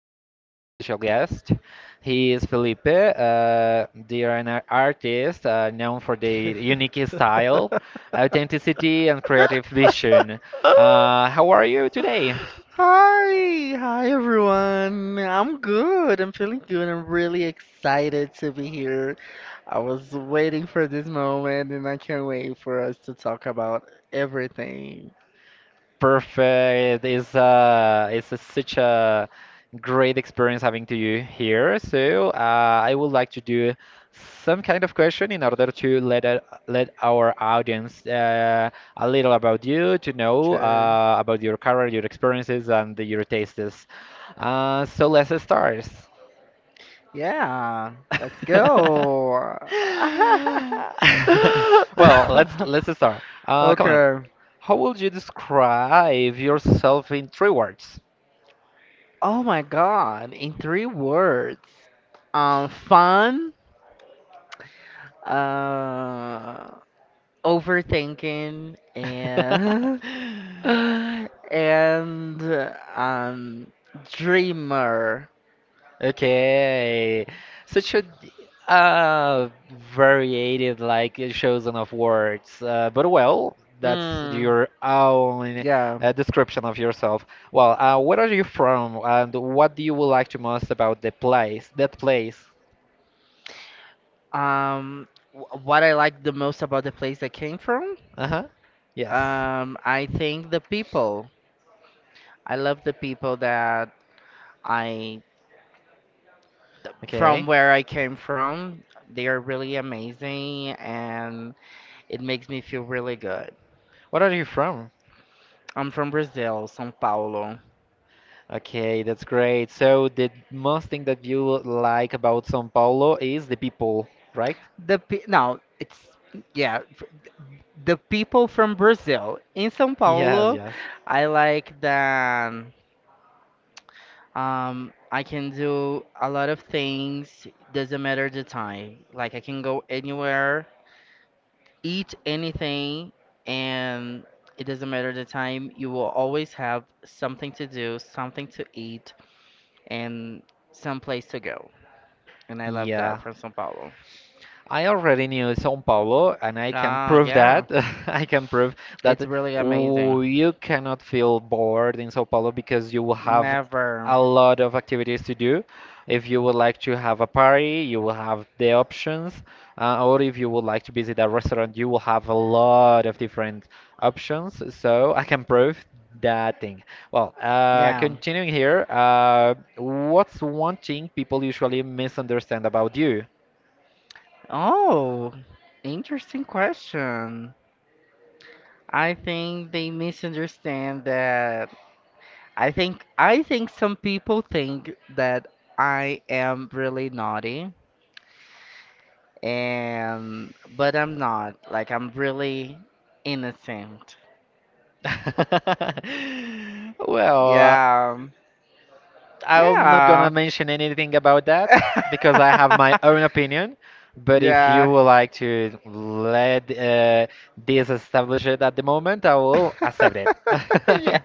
a very special guest. He is Felipe. They are an artist known for their unique style, authenticity, and creative vision. How are you today? Hi everyone. I'm good. I'm feeling good. I'm really excited to be here. I was waiting for this moment and I can't wait for us to talk about everything. Perfect. It's such a great experience having to you here. So I would like to do some kind of question in order to let our audience a little about you to know Okay. About your career, your experiences, and your tastes. So let's start. Yeah, let's go. Well, let's start. Come on. Okay. How would you describe yourself in three words? Oh my God, in three words. Fun, uh, overthinking and and um, dreamer. Okay, such a uh, variated like chosen of words, but well, that's Mm, your own yeah. Description of yourself. Well, where are you from, and what do you would like to most about the place? That place. What I like the most about the place I came from, Uh-huh. Yes. I think the people. I love the people that I from Okay. where I came from. They are really amazing, and it makes me feel really good. Where are you from? I'm from Brazil, São Paulo. Okay, that's great. So the most thing that you like about São Paulo is the people, right? Now it's yeah, f- the people from Brazil in São Yes, Paulo, yes. I like that. I can do a lot of things. Doesn't matter the time. Like I can go anywhere, eat anything, and it doesn't matter the time. You will always have something to do, something to eat, and some place to go. And I love that Yeah. from São Paulo. I already knew São Paulo, and I can Oh prove yeah, that. I can prove it's that really amazing. You cannot feel bored in São Paulo because you will have a Never. lot of activities to do. If you would like to have a party, you will have the options, or if you would like to visit a restaurant, you will have a lot of different options. So I can prove that thing. Well, Yeah. continuing here, what's one thing people usually misunderstand about you? Oh, interesting question. I think they misunderstand that. I think some people think that I am really naughty and but I'm not. Like I'm really innocent. Well, Yeah. I'm not gonna Yeah. mention anything about that because I have my own opinion. But if you Yeah. would like to let this establish it at the moment, I will accept it. Yeah.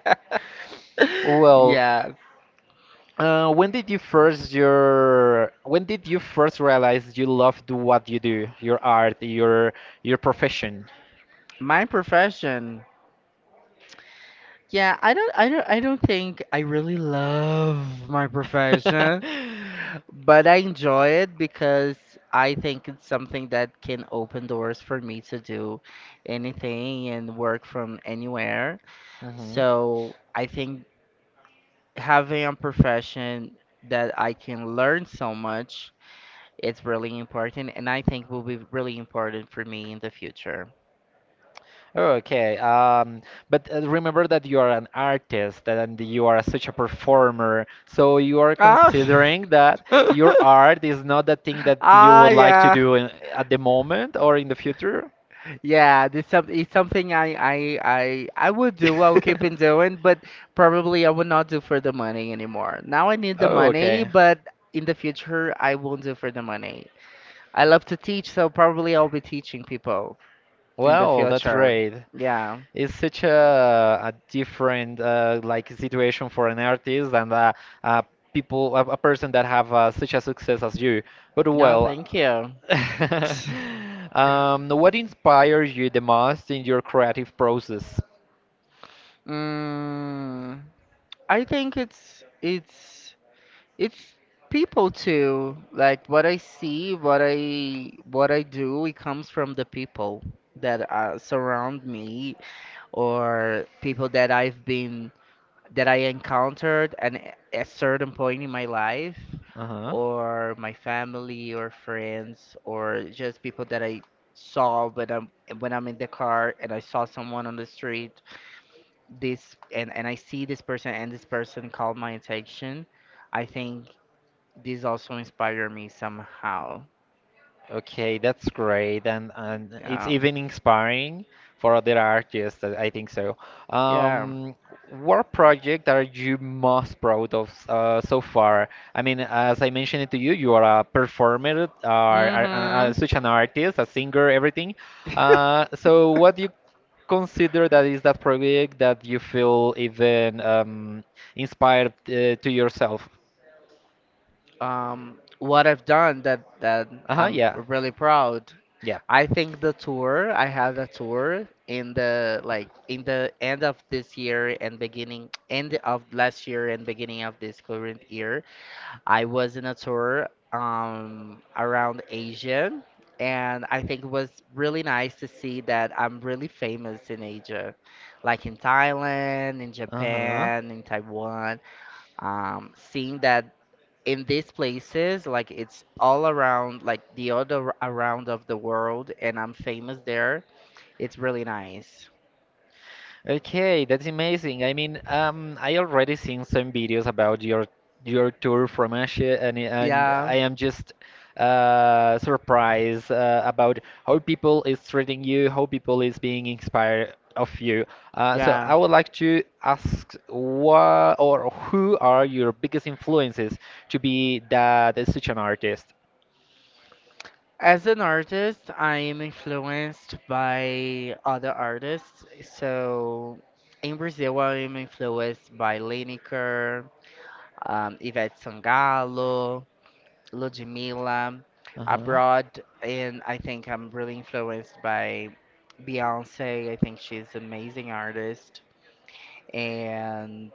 Well, Yeah. When did you first realize you loved what you do, your art, your profession? My profession. Yeah, I don't think I really love my profession, but I enjoy it because I think it's something that can open doors for me to do anything and work from anywhere. hmm So, I think having a profession that I can learn so much it's really important and I think will be really important for me in the future. Oh, okay, but remember that you are an artist and you are such a performer, so you are Ah. considering that your art is not the thing that you Ah, would like to yeah. do in, at the moment or in the future? Yeah, this some It's something I would do. I'll keep on doing, but probably I will not do for the money anymore. Now I need the Oh, money, okay. but in the future I won't do for the money. I love to teach, so probably I'll be teaching people in the Well, that's future. great. Yeah. It's such a different like situation for an artist and uh, people a person that have such a success as you. But No, well, thank you. What inspires you the most in your creative process? Mm, I think it's people too. Like what I see, what I do, it comes from the people that surround me or people that I've been that I encountered at a certain point in my life Uh-huh. or my family or friends or just people that I saw when I'm in the car and I saw someone on the street this and I see this person and this person called my attention. I think this also inspired me somehow. Okay, that's great, and it's Yeah, even inspiring for other artists. I think so. yeah. Um, what project are you most proud of so far? I mean, as I mentioned it to you, you are a performer, hmm such an artist, a singer, everything. Uh, so what do you consider that is that project that you feel even inspired to yourself? What I've done that that Uh-huh, I'm yeah, really proud. yeah. I think the tour. I had a tour in the like in the end of this year and beginning end of last year and beginning of this current year. I was in a tour around Asia, and I think it was really nice to see that I'm really famous in Asia, like in Thailand, in Uh-huh. Japan, in Taiwan. Seeing that in these places, like it's all around, like the other around of the world, and I'm famous there. It's really nice. Okay, that's amazing. I mean, I already seen some videos about your tour from Asia, and Yeah, I am just surprised about how people is treating you, how people is being inspired of you. So yeah. I would like to ask what or who are your biggest influences to be that such an artist? As an artist, I am influenced by other artists. So in Brazil, I am influenced by Lineker, Ivete Sangalo, Ludmilla. Abroad, and I think I'm really influenced by Beyonce. I think she's an amazing artist. And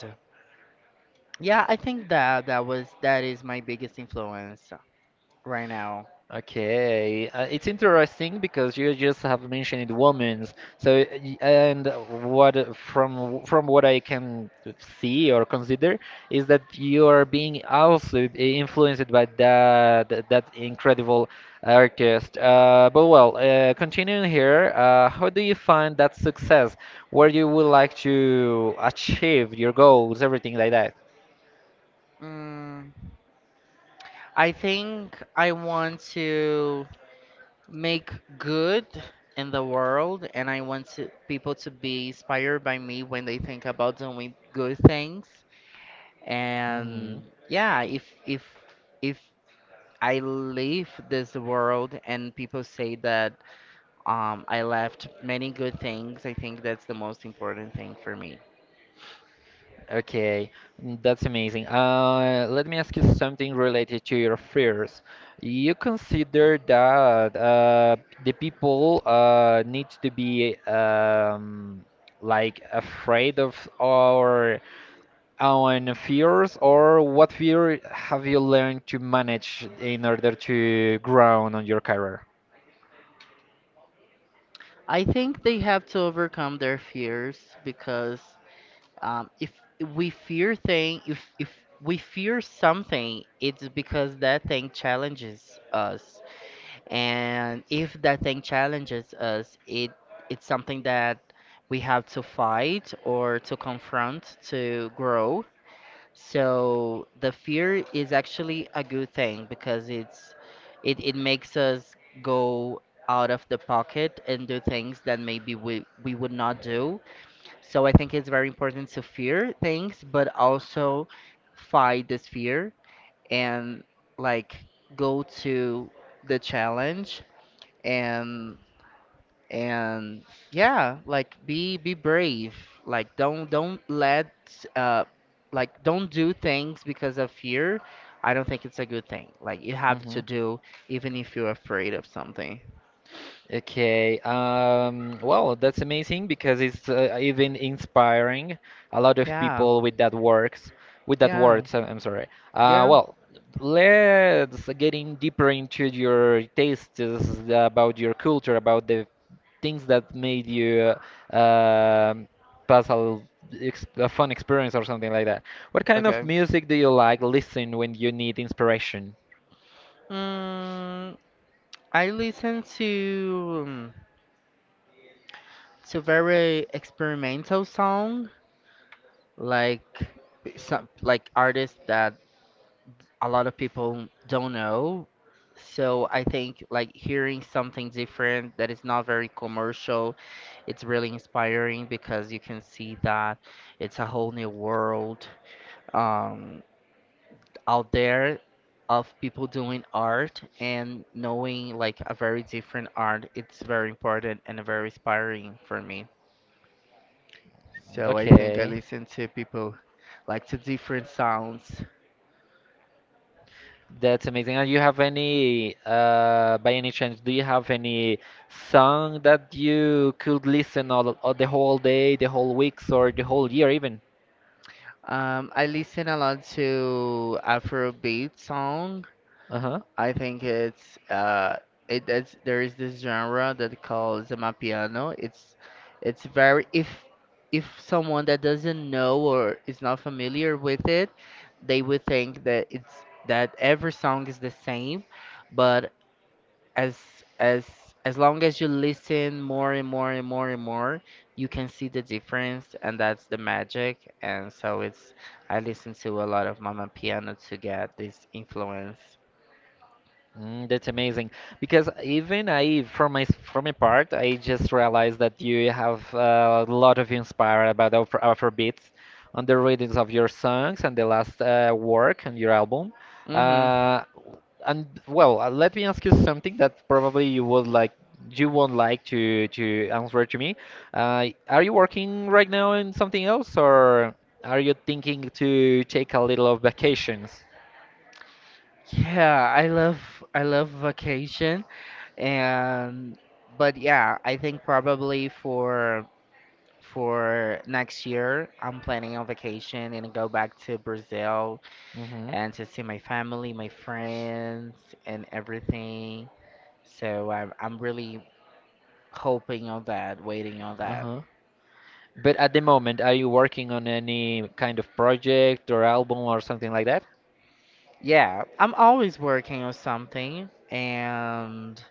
yeah, I think that that was that is my biggest influence right now. Okay, it's interesting because you just have mentioned women's. And what from what I can see or consider is that you are being also influenced by that incredible artist. But well, continuing here, how do you find that success? Where you would like to achieve your goals, everything like that? Mm. I think I want to make good in the world, and I want to, people to be inspired by me when they think about doing good things. hmm And yeah, if I leave this world and people say that I left many good things, I think that's the most important thing for me. Okay, that's amazing. Let me ask you something related to your fears. You consider that the people need to be like afraid of our own fears, or what fear have you learned to manage in order to grow on your career? I think they have to overcome their fears because if we fear thing. If we fear something, it's because that thing challenges us, and if that thing challenges us, it's something that we have to fight or to confront to grow. So the fear is actually a good thing because it makes us go out of the pocket and do things that maybe we would not do. So I think it's very important to fear things, but also fight this fear and like go to the challenge and and yeah, like be brave. Like don't let uh like don't do things because of fear. I don't think it's a good thing. Like you have Mm-hmm. to do even if you're afraid of something. Okay. Well, that's amazing because it's even inspiring a lot of Yeah. people with that works, with that Yeah. words. I'm sorry. Uh, Yeah. well, let's get in deeper into your tastes about your culture, about the things that made you uh, um, pass a, l- ex a fun experience or something like that. What kind of Okay. music do you like listen when you need inspiration? Mm, I listen to very experimental song like some like artists that a lot of people don't know. So I think like hearing something different that is not very commercial, it's really inspiring because you can see that it's a whole new world um, out there of people doing art and knowing like a very different art. It's very important and very inspiring for me. So I think I Okay. listen to people like to different sounds. That's amazing. And you have any, by any chance, do you have any song that you could listen all the whole day, the whole weeks, or the whole year even? I listen a lot to Afrobeat song. Uh-huh. I think it's it is there is this genre that calls amapiano. It's very. If someone that doesn't know or is not familiar with it, they would think that it's that every song is the same, but as as as long as you listen more and more, you can see the difference, and that's the magic. And so it's, I listen to a lot of mama piano to get this influence. That's amazing because even I, from my part, I just realized that you have a lot of inspired about Afrobeats on the readings of your songs and the last work on your album. Hmm Uh, and well, let me ask you something that probably you won't like to answer to me. Are you working right now on something else, or are you thinking to take a little of vacations? yeah I love vacation and but yeah I think probably for next year I'm planning on vacation and go back to brazil Mm-hmm. and to see my family, my friends, and everything. So I'm really hoping on that, waiting on that. Uh-huh. But at the moment, are you working on any kind of project or album or something like that? Yeah, I'm always working on something, and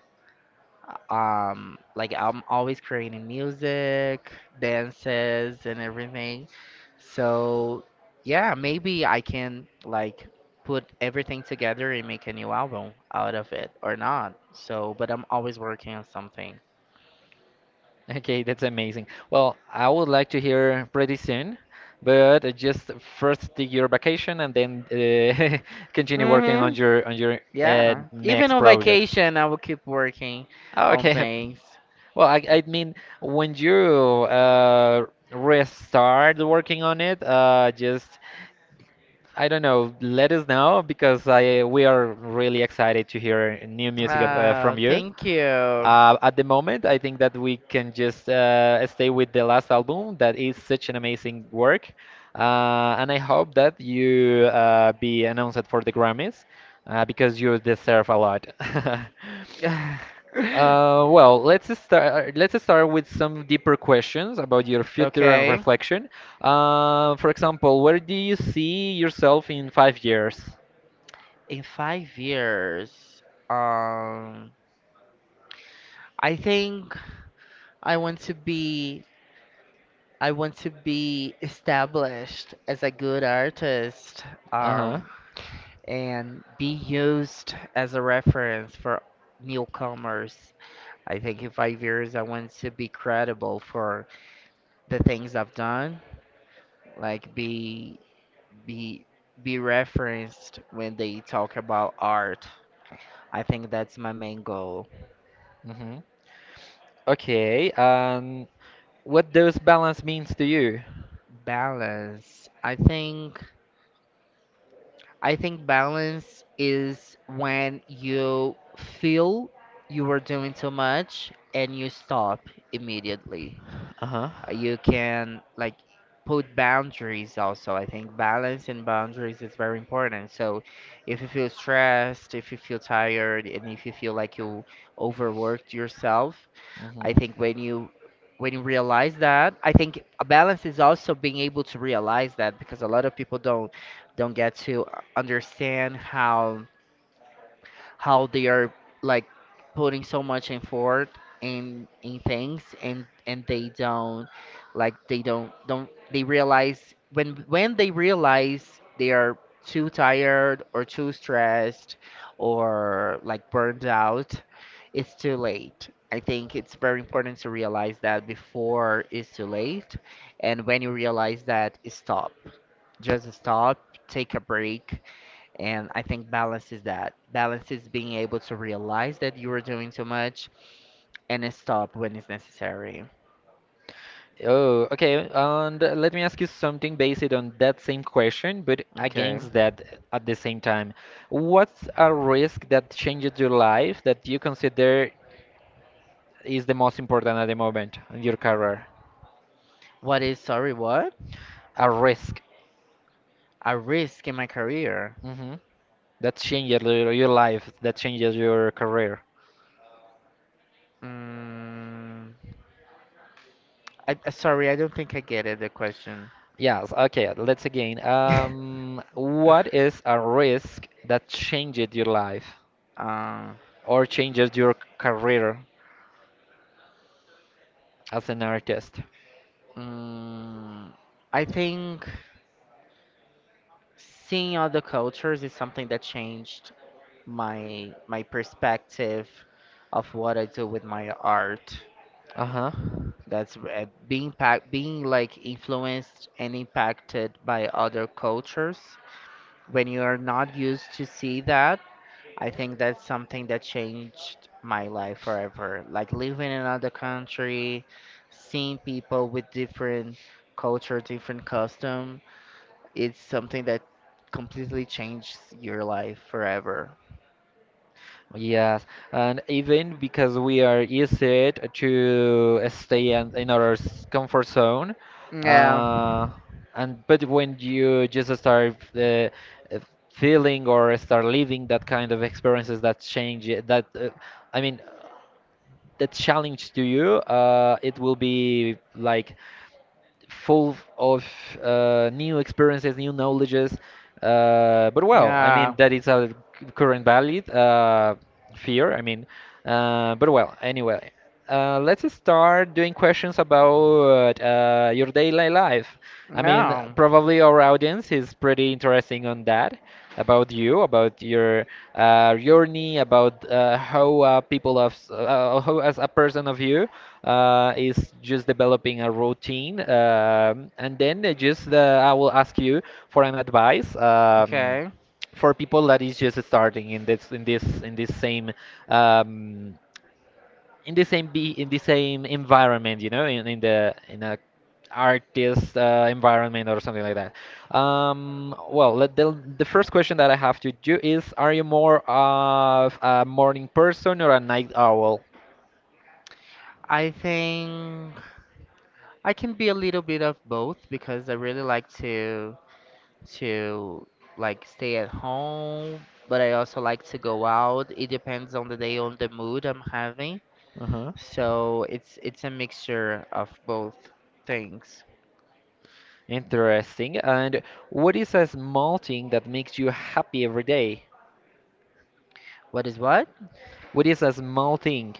like I'm always creating music, dances, and everything. So yeah, maybe I can like put everything together and make a new album out of it or not. So, but I'm always working on something. Okay, that's amazing. Well, I would like to hear pretty soon, but just first take your vacation and then continue working on Mhm. your Yeah, even next on projects. vacation, I will keep working on Okay. things. Well, I mean, when you restart working on it, just I don't know, let us know because I we are really excited to hear new music Oh, from you. thank you. At the moment, I think that we can just stay with the last album. That is such an amazing work, and I hope that you be announced for the Grammys because you deserve a lot. Uh, well, Let's start with some deeper questions about your future and Okay, reflection. For example, where do you see yourself in 5 years? in 5 years, um, I think I want to be I want to be established as a good artist, Uh huh. um, and be used as a reference for newcomers. I think in 5 years, I want to be credible for the things I've done like be be referenced when they talk about art. I think that's my main goal. hmm Okay. What does balance means to you? Balance. I think balance is when you feel you are doing too much and you stop immediately. Uh-huh. You can like put boundaries also. I think balance and boundaries is very important. So if you feel stressed, if you feel tired, and if you feel like you overworked yourself, I hmm think when you realize that, I think a balance is also being able to realize that, because a lot of people don't get to understand how they are like putting so much effort in things, and they don't like they don't they realize when they realize they are too tired or too stressed or like burned out, it's too late. I think it's very important to realize that before it's too late. And when you realize that, stop. Just stop, take a break. And I think balance is that. Balance is being able to realize that you are doing too much and then stop when it's necessary. Oh, okay. And let me ask you something based on that same question, but Okay. against that at the same time. What's a risk that changes your life that you consider is the most important at the moment in your career? What is, sorry, what? A risk. A risk in my career. Mm-hmm. That changes your life, that changes your career. Mm, sorry, I don't think I get it, the question. Yes, okay, let's again. What is a risk that changes your life uh, or changes your career as an artist? mm, I think seeing other cultures is something that changed my perspective of what I do with my art. Uh-huh. That's being impact, being like influenced and impacted by other cultures. When you are not used to see that, I think that's something that changed my life forever. Like living in another country, seeing people with different culture, different custom, it's something that completely changes your life forever. Yes, and even because we are used to stay in our comfort zone, Yeah. uh, and but when you just start feeling or start living that kind of experiences that change, that I mean, that challenge to you, it will be like full of new experiences, new knowledges. But well, I mean Yeah. that is a current valid fear. I mean, but well, anyway, let's start doing questions about your daily life. I mean, no. probably our audience is pretty interesting on that about you, about your journey, about how how as a person of you is just developing a routine, and then just I will ask you for an advice. Okay. For people that is just starting in this same um, in the same environment you know in a artist environment or something like that. Well, the first question that I have to do is are you more of a morning person or a night owl? I think I can be a little bit of both because I really like to to like stay at home, but I also like to go out. It depends on the day, on the mood I'm having. Uh-huh. So it's a mixture of both things. Interesting. And what is a small thing that makes you happy every day? What is what? What is a small thing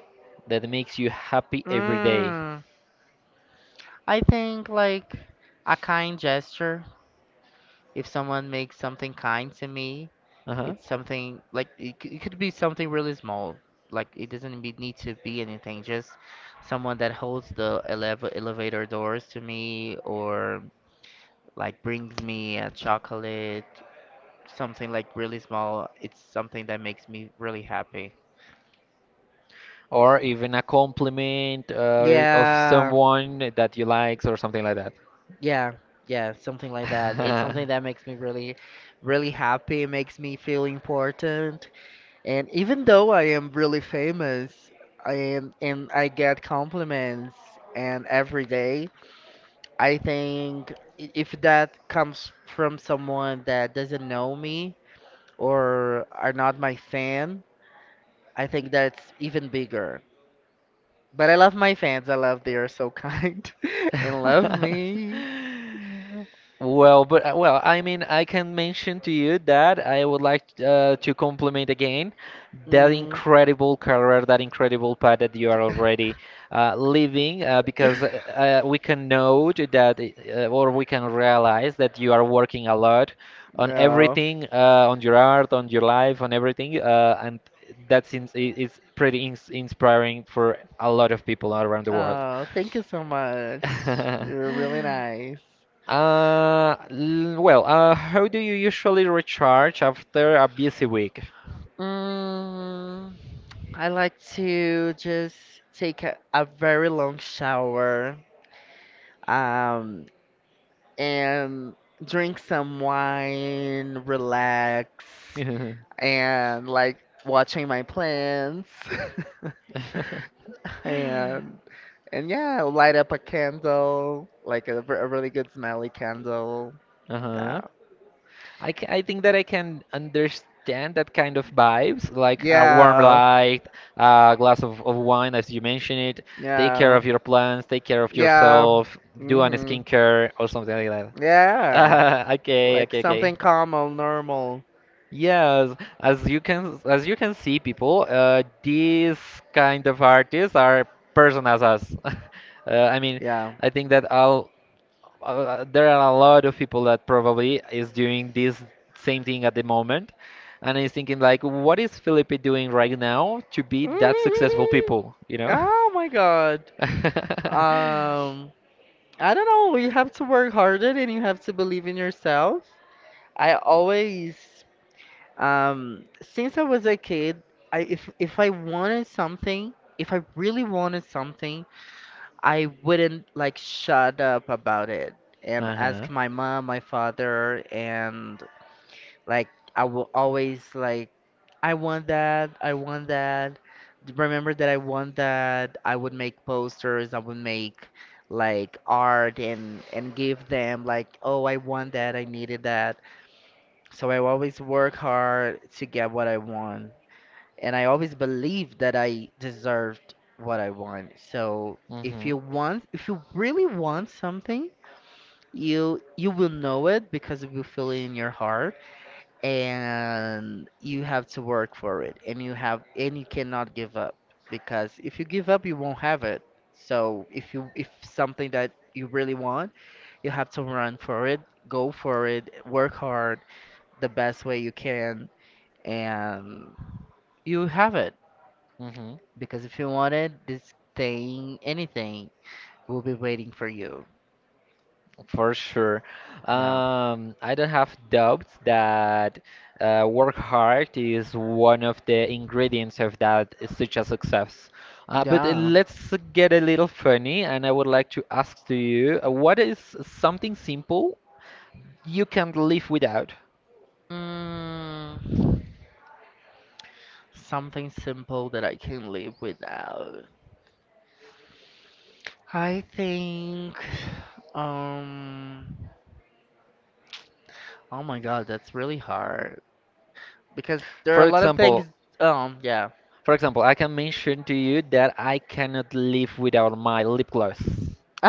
that makes you happy every day? Mm, I think like a kind gesture. If someone makes something kind to me, Uh-huh. it's something like it could be something really small. Like it doesn't be, need to be anything. Just someone that holds the elevator doors to me, or like brings me a chocolate, something like really small. It's something that makes me really happy. Or even a compliment of Yeah, someone that you likes or something like that. yeah, yeah, something like that. It's something that makes me really, really happy. It makes me feel important. And even though I am really famous, I am, and I get compliments and every day, I think if that comes from someone that doesn't know me or are not my fan, I think that's even bigger. But I love my fans. I love they are so kind and love me. Well, but well, I mean, I can mention to you that I would like to compliment again that Mm. incredible career, that incredible path that you are already living, because we can know that, or we can realize that you are working a lot on Oh. everything, on your art, on your life, on everything, and that is pretty inspiring for a lot of people around the world. Oh, thank you so much. You're really nice. Well, how do you usually recharge after a busy week? Mm. I like to just take a very long shower, um, and drink some wine, relax, and like watching my plants. And and yeah, I'll light up a candle, like a really good smelly candle. Yeah. Uh-huh. I think that I can understand that kind of vibes, like a warm Yeah. light, a glass of wine, as you mentioned it. Take care Yeah. of your plants, take care of Yeah. yourself, do an Mhm. skincare or something like Yeah. that. Okay, Like okay, okay. something calm or normal. Yes, as you can see, people, these kind of artists are personas us. I mean, Yeah. I think that I'll, there are a lot of people that probably is doing this same thing at the moment, and is thinking like, what is Felipe doing right now to be that successful Mhm. people? You know? Oh my God. Um, I don't know. You have to work harder and you have to believe in yourself. I always, since I was a kid, I if I wanted something, if I really wanted something, I wouldn't like shut up about it and Uh-huh. ask my mom, my father, and like I will always like I want that, I want that. Remember that I want that. I would make posters, I would make like art and give them like, "Oh, I want that. I needed that." So I always work hard to get what I want, and I always believe that I deserved what I want. So if Mm-hmm. you want, if you really want something, you will know it because you will feel it in your heart and you have to work for it and you have and you cannot give up because if you give up you won't have it. So if you, if something that you really want, you have to run for it, go for it, work hard the best way you can, and you have it Mm-hmm. because if you want it, this thing, anything will be waiting for you. For sure. Yeah, I don't have doubts that work hard is one of the ingredients of that such a success. But yeah. Let's get a little funny, and I would like to ask to you, what is something simple you can't live without? Mm, something simple that I can live without. I think, um, oh my God, that's really hard because there are For a lot of example, things. Yeah, for example, I can mention to you that I cannot live without my lip gloss.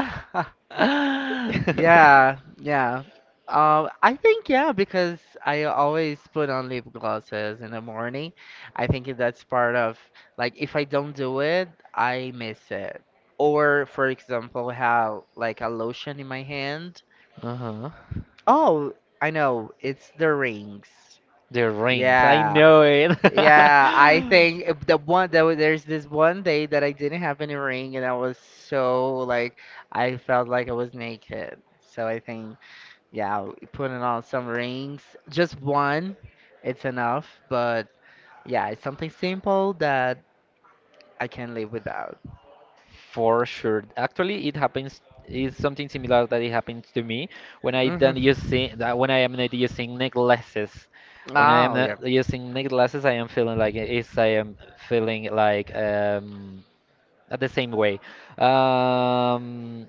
yeah, yeah. I think yeah, because I always put on lip glosses in the morning. I think that's part of, like, if I don't do it, I miss it. Or for example, have like a lotion in my hand. Uh-huh. Oh, I know, it's the rings. The rings, I Yeah. know it. Yeah, I think if the one that was, there's this one day that I didn't have any ring and I was so like I felt like I was naked. So I think yeah, putting on some rings, just one, it's enough. But yeah, it's something simple that I can live without. For sure. Actually, it happens is something similar that it happens to me when I Hmm. don't using that when I am not using necklaces. When I am Oh yeah, not using necklaces, I am feeling like it's I am feeling like the same way. Um,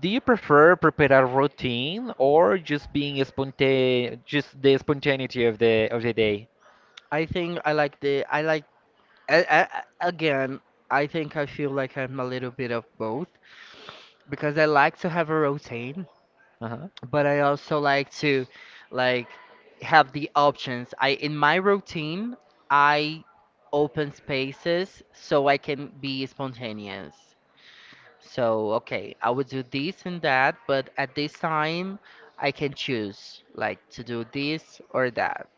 do you prefer prepare a routine or just being spontaneous, just the spontaneity of the day? I think I like the I like again. I think I feel like I'm a little bit of both because I like to have a routine, Uh-huh. but I also like to like have the options. I in my routine, I open spaces so I can be spontaneous. So, okay, I would do this and that, but at this time, I can choose like to do this or that,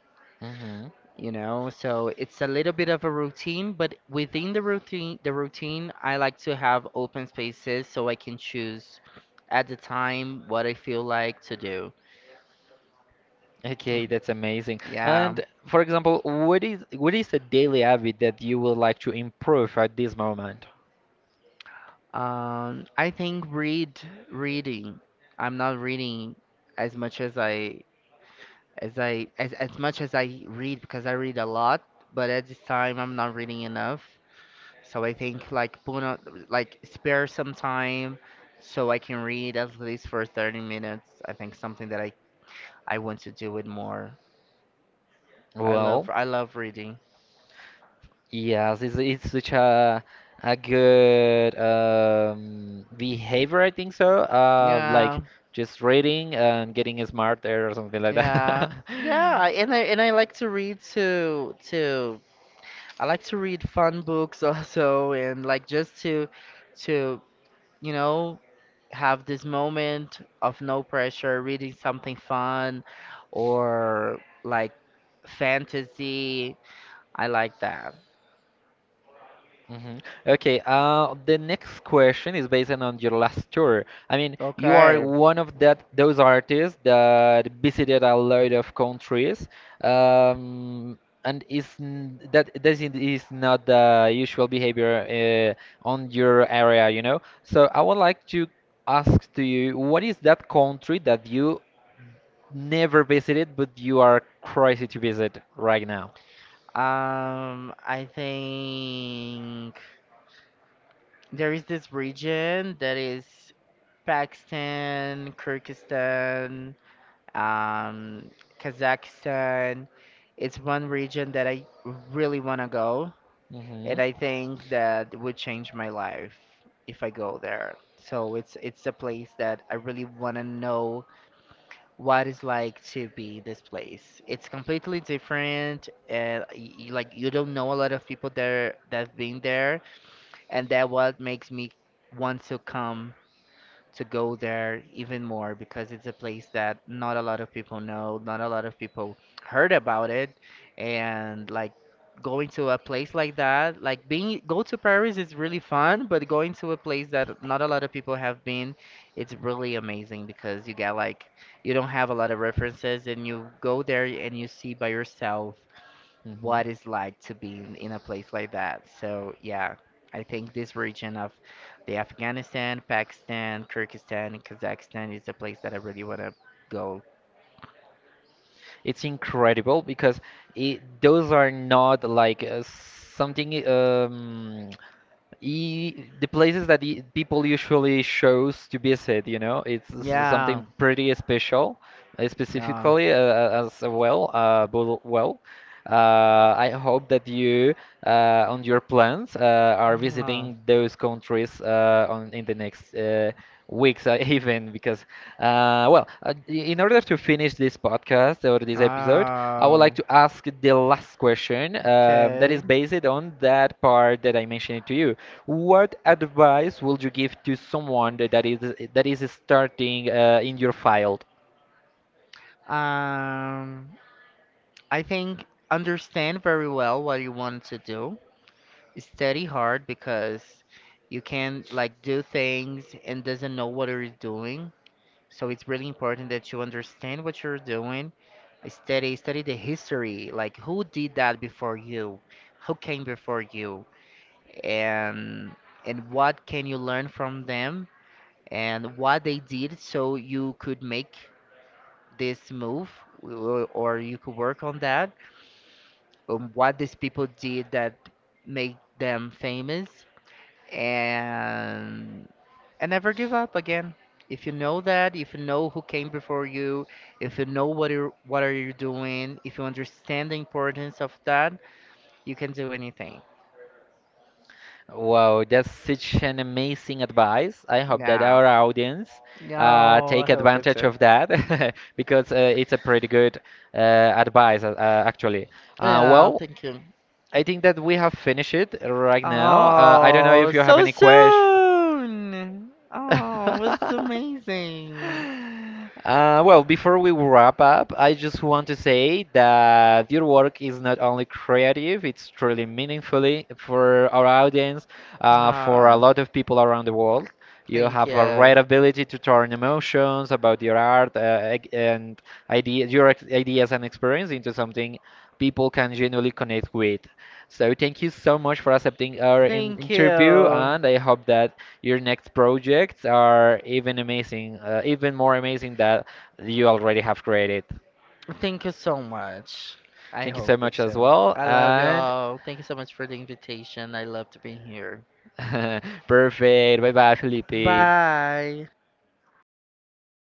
Mm-hmm. you know? So, it's a little bit of a routine, but within the routine, I like to have open spaces so I can choose at the time what I feel like to do. Okay, that's amazing. Yeah. And for example, what is a daily habit that you would like to improve at this moment? I think reading. I'm not reading as much as as much as I read because I read a lot, but at this time I'm not reading enough. So I think like put on, like spare some time so I can read at least for 30 minutes. I think something that I want to do it more. Well, I love reading. yes, it's such a good behavior, I think so. Like Yeah. just reading and getting smarter or something like that. Yeah. Yeah, I- and I and I like to read to to. I like to read fun books also and like just to you know, have this moment of no pressure reading something fun or like fantasy. I like that. hmm Okay, the next question is based on your last tour. I mean, you are Okay. one of that those artists that visited a lot of countries, um, and is n- that that is not the usual behavior on your area, you know? So I would like to ask to you, what is that country that you never visited but you are crazy to visit right now? Um, I think there is this region that is Pakistan, Kyrgyzstan, um, Kazakhstan. It's one region that I really want to go, hmm and I think that would change my life if I go there. So it's a place that I really want to know what it's like to be this place. It's completely different. And like, you don't know a lot of people there that've been there, and that what makes me want to come to go there even more because it's a place that not a lot of people know, not a lot of people heard about it, and like going to a place like that, like being go to Paris is really fun, but going to a place that not a lot of people have been, it's really amazing because you get like you don't have a lot of references and you go there and you see by yourself hmm what it's like to be in a place like that. So yeah, I think this region of the Afghanistan, Pakistan, Kyrgyzstan, and Kazakhstan is the place that I really want to go. It's incredible because those are not like something e the places that the people usually chose to visit, you know, it's Yeah, something pretty special, yeah. specifically as well. I hope that you on your plans are Oh, visiting those countries on in the next weeks even because in order to finish this podcast or this episode I would like oh, to ask the last question that is okay. based on that part that I mentioned to you. What advice would you give to someone that that is starting in your field? Um, I think understand very well what you want to do. Study hard because you can like do things and doesn't know what you're doing. So it's really important that you understand what you're doing. Study, the history, like who did that before you, who came before you, and and what can you learn from them and what they did so you could make this move or you could work on that, what these people did that made them famous and and never give up again. If you know that, if you know who came before you, if you know what are you doing, if you understand the importance of that, you can do anything. Wow, that's such an amazing advice. I hope that Yeah. our audience Yeah, I take hope it's advantage it. of that because it's a pretty good advice, actually. Uh, Yeah, well, thank you. I think that we have finished it right now. I don't know Oh, if you have so any questions. soon. Oh, it's amazing. Before we wrap up, I just want to say that your work is not only creative, it's truly meaningfully for our audience, for a Ah, lot of people around the world. You thank have a you. right ability to turn emotions about your art and ideas and experience into something people can genuinely connect with. So thank you so much for accepting our in Thank interview, you. and I hope that your next projects are even amazing, even more amazing that you already have created. Thank you so much. I Thank you so hope it much as so. well, I love and y'all. Thank you so much for the invitation. I love to be here. perfect. Bye bye, Felipe. Bye.